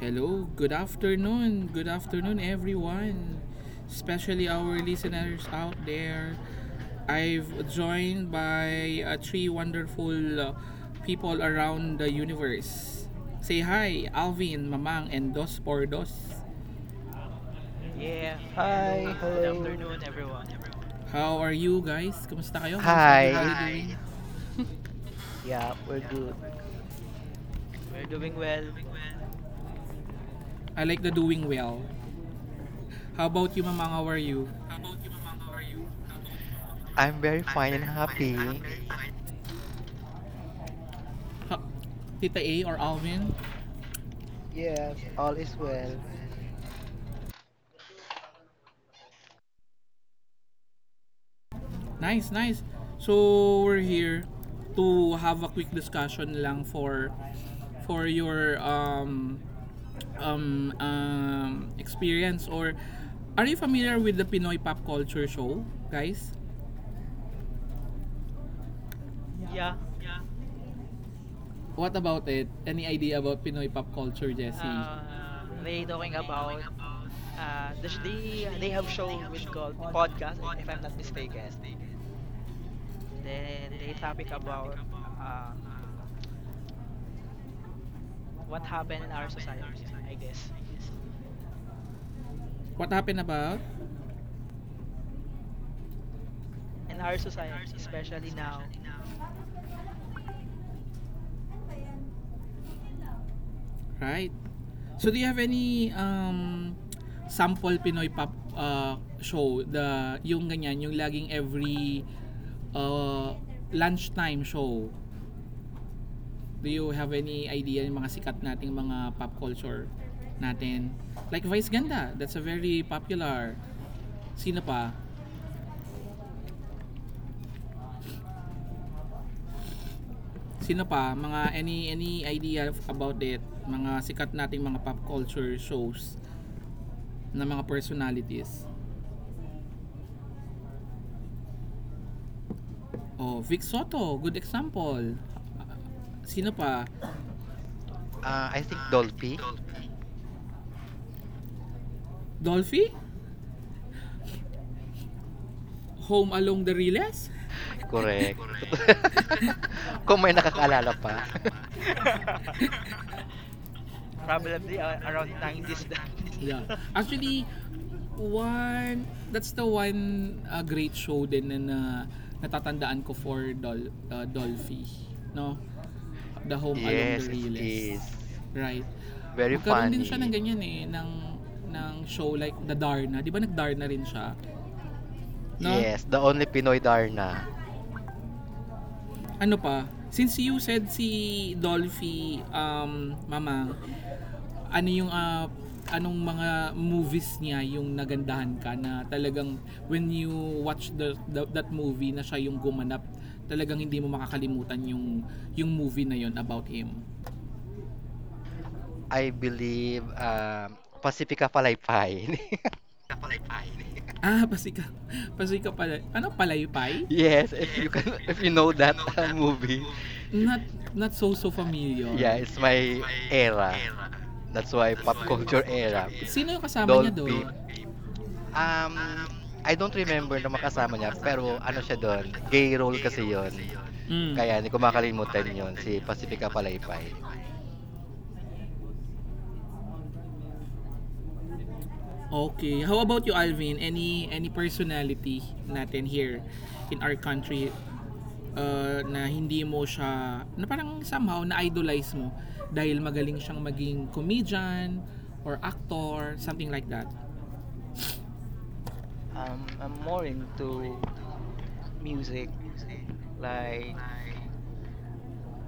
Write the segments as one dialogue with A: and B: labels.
A: Hello, good afternoon. Good afternoon, everyone, especially our listeners out there. I've joined by three wonderful uh, people around the universe. Say hi, Alvin, Mamang, and Dos por Dos.
B: Yeah,
C: Hi,
B: hello, good
C: hello.
B: afternoon, everyone.
A: How are you guys? Kumusta kayo? How's
D: Hi,
A: everybody
D: it,
A: doing?
C: Yeah, we're good.
B: We're doing well.
A: I like the doing well. How about you, Mamang? How are you?
D: I'm very fine and happy.
A: Ha- Tita A or Alvin?
C: Yes, all is well.
A: Nice, nice. So we're here to have a quick discussion lang for your um um um experience. Or are you familiar with the Pinoy pop culture show, guys?
B: Yeah,
A: What about it? Any idea about Pinoy pop culture, Jesse?
B: they talking about the they have show with called podcast, if I'm not mistaken. Then they topic about uh, what happened in our society, I guess.
A: What happened about?
B: In our society, especially now,
A: Right. So do you have any um sample Pinoy pop show, the yung ganyan yung laging every uh, lunchtime show? Do you have any idea ng mga sikat nating mga pop culture natin? Like Vice Ganda, that's a very popular. Sino pa?
B: mm,
A: Sino pa? Mga any idea about it? Mga sikat nating mga pop culture shows na mga personalities. Oh, Vic Soto, good example. Sino pa?
D: I think Dolphy.
A: Dolphy? Home Along the Riles?
D: Correct. Kung may nakakaalala pa.
B: probably around 90s
A: Yeah.
B: that.
A: Actually, one, that's the one great show din na, na natatandaan ko for Dolphy. No? The Home Along the
D: Yes, it
A: Realest.
D: is.
A: Right.
D: Very
A: Magkaroon din siya ng
D: funny.
A: ganyan eh, ng show like The Darna. Di ba nag-Darna rin siya? No?
D: Yes, the only Pinoy Darna.
A: Ano pa, since you said si Dolphy, um, Mama, ano yung, ah, anong mga movies niya yung nagandahan ka na talagang when you watch that movie na siya yung gumanap, talagang hindi mo makakalimutan yung movie na yon about him.
D: I believe Pacifica Palaypay.
A: Ah, pasika. Pasika pala. Ano, palaypay?
D: Yes, if you can, if you know that movie. If,
A: Not, not so
D: yeah,
A: familiar.
D: it's my era. That's why pop culture era.
A: Yung kasama niya.
D: Dolphy. Um, I don't remember na makasama niya, pero ano siya dun, gay role kasi yon.
A: Mm.
D: Kaya hindi ko makalimutan yun, si Pacifica Palaypay.
A: Okay. How about you, Alvin? Any personality natin here in our country na hindi mo siya, na parang somehow na-idolize mo dahil magaling siyang maging comedian or actor, something like that.
C: I'm more into music, like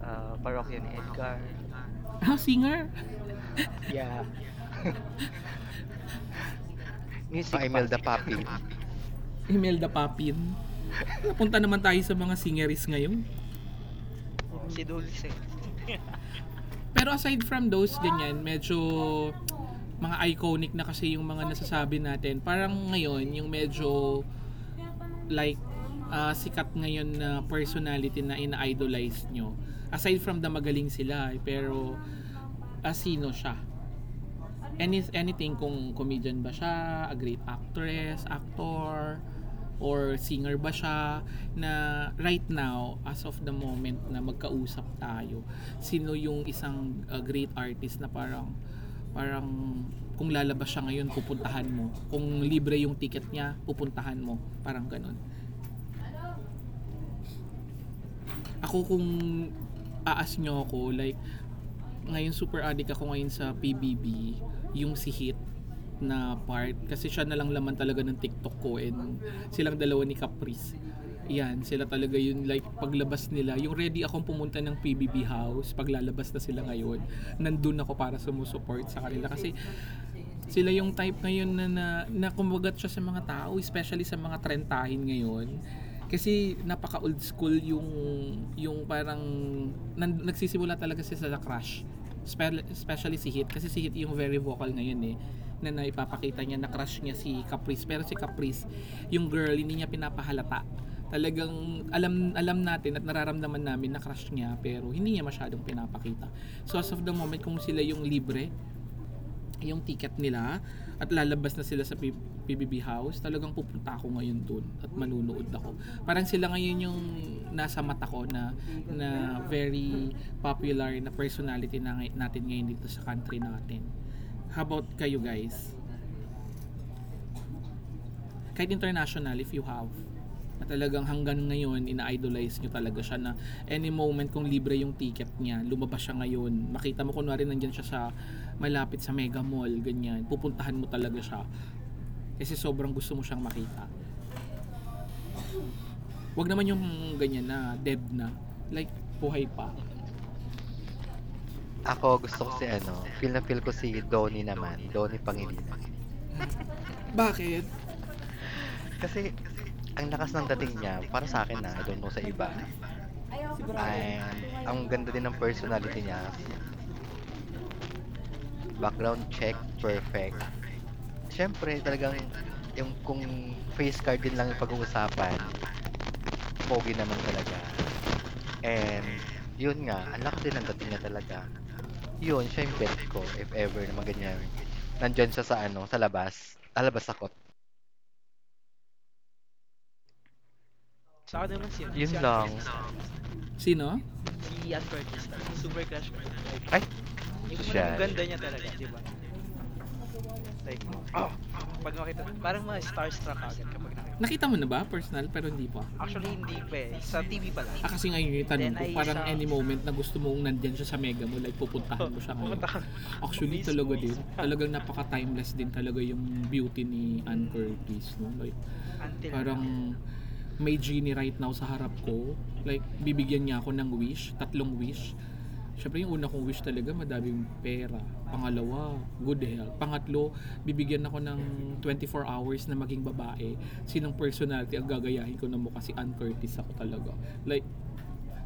C: Parokya ni Edgar.
A: Ah, singer?
C: Yeah,
D: Ang
C: music pop.
D: Imelda Papin,
A: Imelda Papin. Napunta naman tayo sa mga singeries ngayon.
B: Oh, si Dulce.
A: Pero aside from those, ganyan, medyo mga iconic na kasi yung mga nasasabi natin. Parang ngayon, yung medyo like ah, sikat ngayon na personality na ina-idolize nyo? Aside from the magaling sila, eh, pero ah, sino siya? Anything, kung comedian ba siya, a great actress, actor, or singer ba siya na right now as of the moment na magkausap tayo, sino yung isang ah, great artist na parang parang kung lalabas siya ngayon pupuntahan mo kung libre yung ticket niya pupuntahan mo parang ganun. Ako, kung aas nyo ako, like, ngayon super addict ako ngayon sa PBB, yung si Hit na part. Kasi siya na lang laman talaga ng TikTok ko and silang dalawa ni Caprice. Yan, sila talaga yun, like, paglabas nila. Yung ready akong pumunta ng PBB house, paglalabas na sila ngayon, nandun ako para sumusupport sa kanila. Kasi sila yung type ngayon na, na, na kumagat siya sa mga tao, especially sa mga trentahin ngayon. Kasi napaka old school yung parang nagsisimula talaga siya sa crush. Especially si Hit, kasi si Hit yung very vocal ngayon eh na naipapakita niya na crush niya si Caprice, pero si Caprice yung girl hindi niya pinapahalata, talagang alam alam natin at nararamdaman namin na crush niya pero hindi niya masyadong pinapakita. So as of the moment kung sila yung libre yung ticket nila at lalabas na sila sa PBB House, talagang pupunta ako ngayon doon at manunood ako. Parang sila ngayon yung nasa mata ko na na very popular na personality na natin ngayon dito sa country natin. How about kayo, guys? Kahit international, if you have at talagang hanggang ngayon ina-idolize nyo talaga siya na any moment kung libre yung ticket niya, lumabas siya ngayon, makita mo kunwari nandyan siya sa malapit sa Mega Mall, ganyan, pupuntahan mo talaga siya. Kasi sobrang gusto mo siyang makita. Wag naman yung ganyan na dead na. Like, buhay pa.
D: ako gusto ko si ano, feel na feel ko si Donnie naman, Donnie Pangilinan. Kasi ang lakas ng dating niya, para sa akin na, I don't know sa iba. And ang ganda din ng personality niya, background check, perfect. Siyempre, talagang yung kung face card din lang yung pag-uusapan, pogi naman talaga. And, yun nga, ang laki din ang dating niya talaga. Yun, siya yung bet ko, if ever, na maganyang, nandyan siya sa ano, sa labas. Alabas ako.
B: Sa akin naman si ano,
D: Yun
B: si Ann
D: lang.
B: Curtis talaga.
A: Sino?
B: Si Ann Curtis talaga. Super crush ko siya. Like,
D: Ay,
B: yung alam mo yung
D: social.
B: ganda niya talaga, 'di ba? Like, oh, pag makita, parang ma-starstruck ka agad kapag nakita mo
A: Nakita mo
B: siya.
A: na ba? Personal? Pero hindi pa.
B: Actually, hindi pa eh. Sa TV pa lang.
A: Ah, kasi ngayon yung tanong
B: Then,
A: ko,
B: ay
A: parang
B: sa,
A: any moment na gusto mong nandyan siya sa mega mo, like pupuntahan mo siya ngayon.
B: pupunta ka
A: Actually,
B: mismo,
A: talaga din. Talagang napaka-timeless din talaga yung beauty ni Ann
B: mm,
A: Curtis. No? Like,
B: until
A: parang
B: now.
A: may genie right now sa harap ko. Like, bibigyan niya ako ng wish, tatlong wish. Siyempre, yung una kong wish talaga, madaming pera. Pangalawa, good health. Pangatlo, bibigyan ako ng 24 hours na maging babae. Sinong personality ang gagayahin ko na mukha? Si Ann Curtis ako talaga. Like,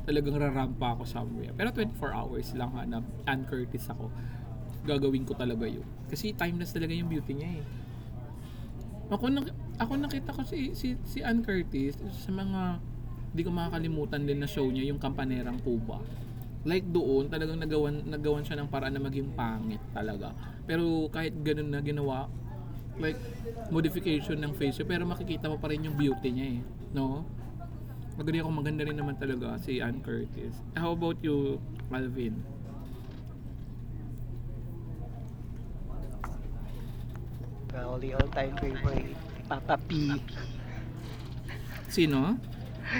A: talagang rarampa ako somewhere. Pero 24 hours lang, hanap Ann Curtis ako. Gagawin ko talaga yun. Kasi timeless talaga yung beauty niya eh. Ako na ako nakita ko si si si Ann Curtis sa mga di ko makakalimutan din na show niya, yung Kampanerang Cuba. Like doon, talagang nagawan nagawan siya ng paraan na maging pangit talaga. Pero kahit ganun na ginawa, like modification ng face niya, pero makikita mo pa rin yung beauty niya eh, no? Magaling ako, maganda rin naman talaga si Ann Curtis. How about you, Alvin?
C: Well, the all-time favorite, Papa P.
A: Sino?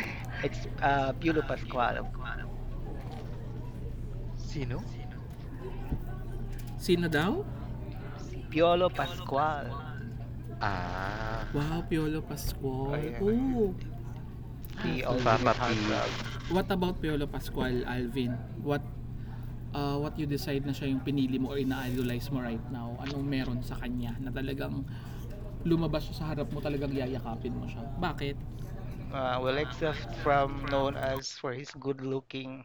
C: It's Piolo Pascual.
D: Sino?
A: Sino daw?
C: Si Piolo Pascual.
D: Ah,
A: Wow, Piolo Pascual.
C: Ayan,
A: Oh,
C: the
A: okay.
D: Papa
C: ultimate
D: P.
C: heartthrob.
A: What about Piolo Pascual, Alvin? What what you decide na siya yung pinili mo or ina-idolize mo right now? Anong meron sa kanya na talagang lumabas siya sa harap mo, talagang yayakapin mo siya? Bakit?
C: Well, except from known as for his good-looking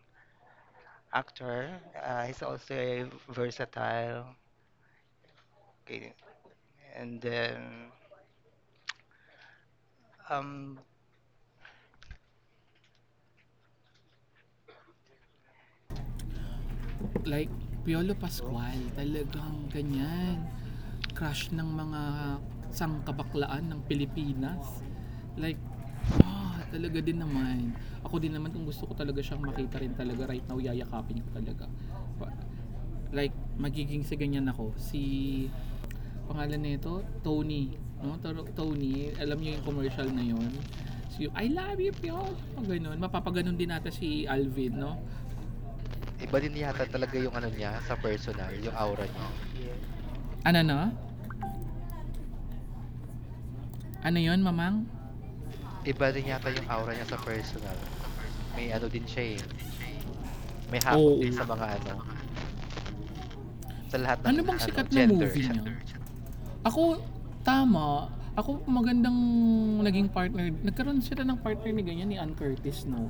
C: actor, he's also a versatile. Okay. And then, um,
A: Like Piolo
C: oh,
A: Pascual, talagang ganyan. Crush ng mga sangkabaklaan ng Pilipinas. Like, ah, oh, talaga din naman. Ako din naman kung gusto ko talaga siyang makita rin talaga right now, yayakapin ko talaga. Like, magiging si ganyan ako. Si, pangalan nito, Tony. No? Tor- Tony, alam niyo yung commercial na yun. So, I love you, Piolo. Ganun. Mapapaganon din natin si Alvin, no?
D: Iba din yata talaga yung ano niya sa personal, yung aura niya.
C: yeah,
A: Ano na? Ano yon, Mamang?
D: Iba din yata yung aura niya sa personal. May ano din siya eh. May hakot
A: Oo.
D: din sa mga ano, sa lahat ng
A: Ano bang
D: ano
A: sikat na
D: gender.
A: movie niyo? Ako, tama. Ako, magandang naging partner. Nagkaroon sila ng partner ni ganyan, ni Ann Curtis, no?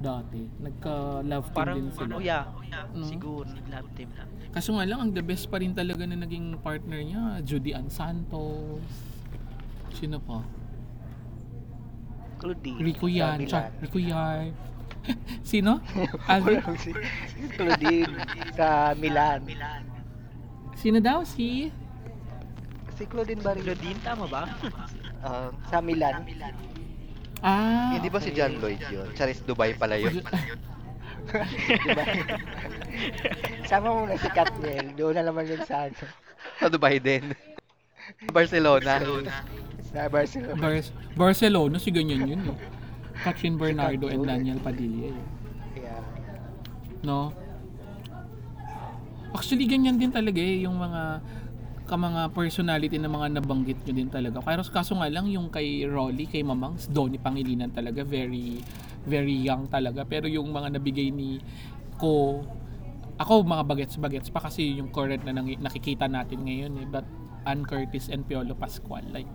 A: Dati. Nagka-love team
B: Parang,
A: din sila.
B: oh yeah,
A: No?
B: siguro, nag-lab team lang.
A: Kaso nga lang, ang the best pa rin talaga na naging partner niya, Judy Ann Santos. Sino pa?
C: Claudine
A: Rico
C: sa
A: Yan. Char,
C: Milan.
A: Rico Yan. Sino? Alvin?
C: Wala nang si Claudine sa Milan.
A: Sino daw? Si...
C: Si Claudine Barito.
B: Claudine, tama ba?
C: Ah, sa Milan.
D: Hindi
A: ah,
D: ba si
A: okay.
D: John Lloyd yun? Charis Dubai pala
A: Si
D: yun.
A: Jo-
C: Dubai yun. Isama mo na si Katniel. Doon na naman yun sa ano.
D: Sa Dubai din.
C: In
D: Barcelona.
C: Spain. Sa
A: Ah,
C: Barcelona.
A: Bar- Barcelona, Barcelona, si ganyan yun eh. Catherine
C: Si Kat
A: Bernardo and
C: yun.
A: Daniel Padilla eh.
C: Yeah.
A: No? Actually, ganyan din talaga eh, yung mga ka mga personality na mga nabanggit nyo din talaga. Kaya kaso nga lang yung kay Rolly, kay Mamangs, Donnie Pangilinan talaga, very very young talaga. Pero yung mga nabigay ni ko ako mga bagets-bagets pa kasi yung current na nakikita natin ngayon eh. But Ann Curtis and Piolo Pascual, like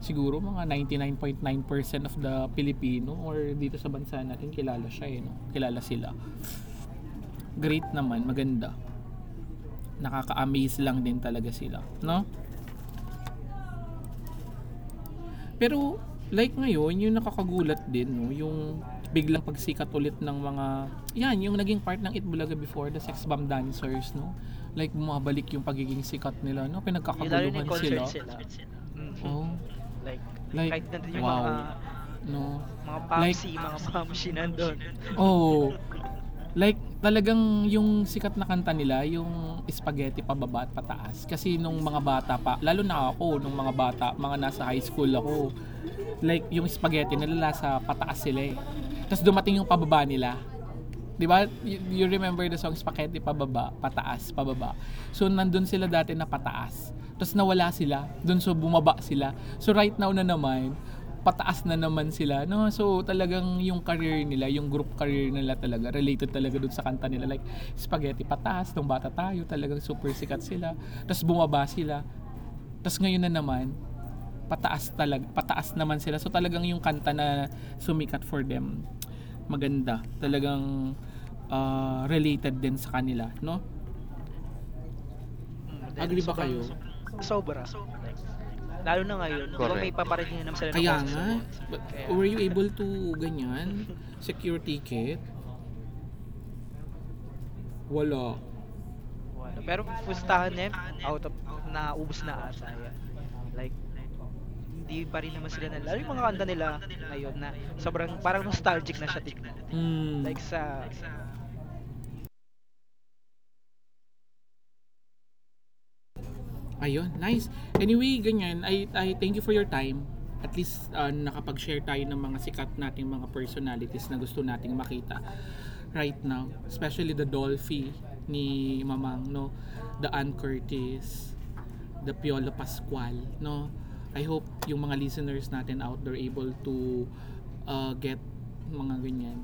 A: siguro mga 99.9% of the Filipino or dito sa bansa natin kilala siya eh. No? Kilala sila. Great naman, maganda, nakaka-amaze lang din talaga sila, no? Pero like ngayon, yung nakakagulat din, no, yung biglang pagsikat ulit ng mga yan, yung naging part ng Itbulaga before the sex bomb dancers, no? Like bumabalik yung pagiging sikat nila, no?
B: Yung lalo na yung
A: Pinagkakaguluhan
B: concert
A: sila.
B: sila. Mhm.
A: Oh.
B: Like,
A: Like
B: kahit na yung
A: wow.
B: mga
A: No.
B: mga
A: Like
B: papsi mga mamsi nandun.
A: oh. Like, talagang yung sikat na kanta nila, yung spaghetti pababa at pataas. Kasi nung mga bata pa, lalo na ako, nung mga bata, mga nasa high school ako, like, yung spaghetti nila sa pataas sila eh. Tapos dumating yung pababa nila. Di ba? You remember the song Spaghetti? Pababa, pataas, pababa. So nandun sila dati na pataas. Tapos nawala sila. Dun, so bumaba sila. So right now na naman, pataas na naman sila. No, so talagang yung career nila, yung group career nila talaga related talaga doon sa kanta nila like Spaghetti pataas, nung bata tayo, talagang super sikat sila. Tapos bumaba sila. Tapos ngayon na naman, pataas talaga, pataas naman sila. So talagang yung kanta na sumikat for them maganda talagang ah, related din sa kanila no?
B: Mm, then
A: Agree ba kayo?
B: sobrang sobra. Like, lalo na ngayon, di ba may
D: Correct.
B: paparating na naman sila na
A: Kaya nga.
B: concert?
A: But
B: Kaya,
A: were you able to ganyan secure ticket? Wala.
B: wala. Pero pustahan niya, yun, out of, naubos na ata yan. Like, di pa rin naman sila na, lalo yung mga kanta nila ngayon na sobrang, parang nostalgic na siya tignan.
A: Mm.
B: Like sa, eh,
A: Ayun, nice. Anyway, ganyan. I thank you for your time. At least nakapag-share tayo ng mga sikat nating mga personalities na gusto nating makita right now. Especially the Dolphy ni Mamang, no? The Ann Curtis, the Piolo Pascual, no? I hope yung mga listeners natin out there able to get mga ganyan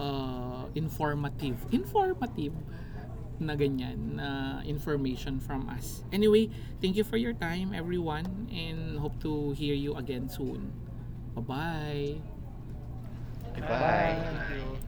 A: informative informative na ganyan na information from us. Anyway, thank you for your time, everyone, and hope to hear you again soon. Bye-bye.
D: Bye
B: bye,
D: bye.
C: Fine.
B: thank you.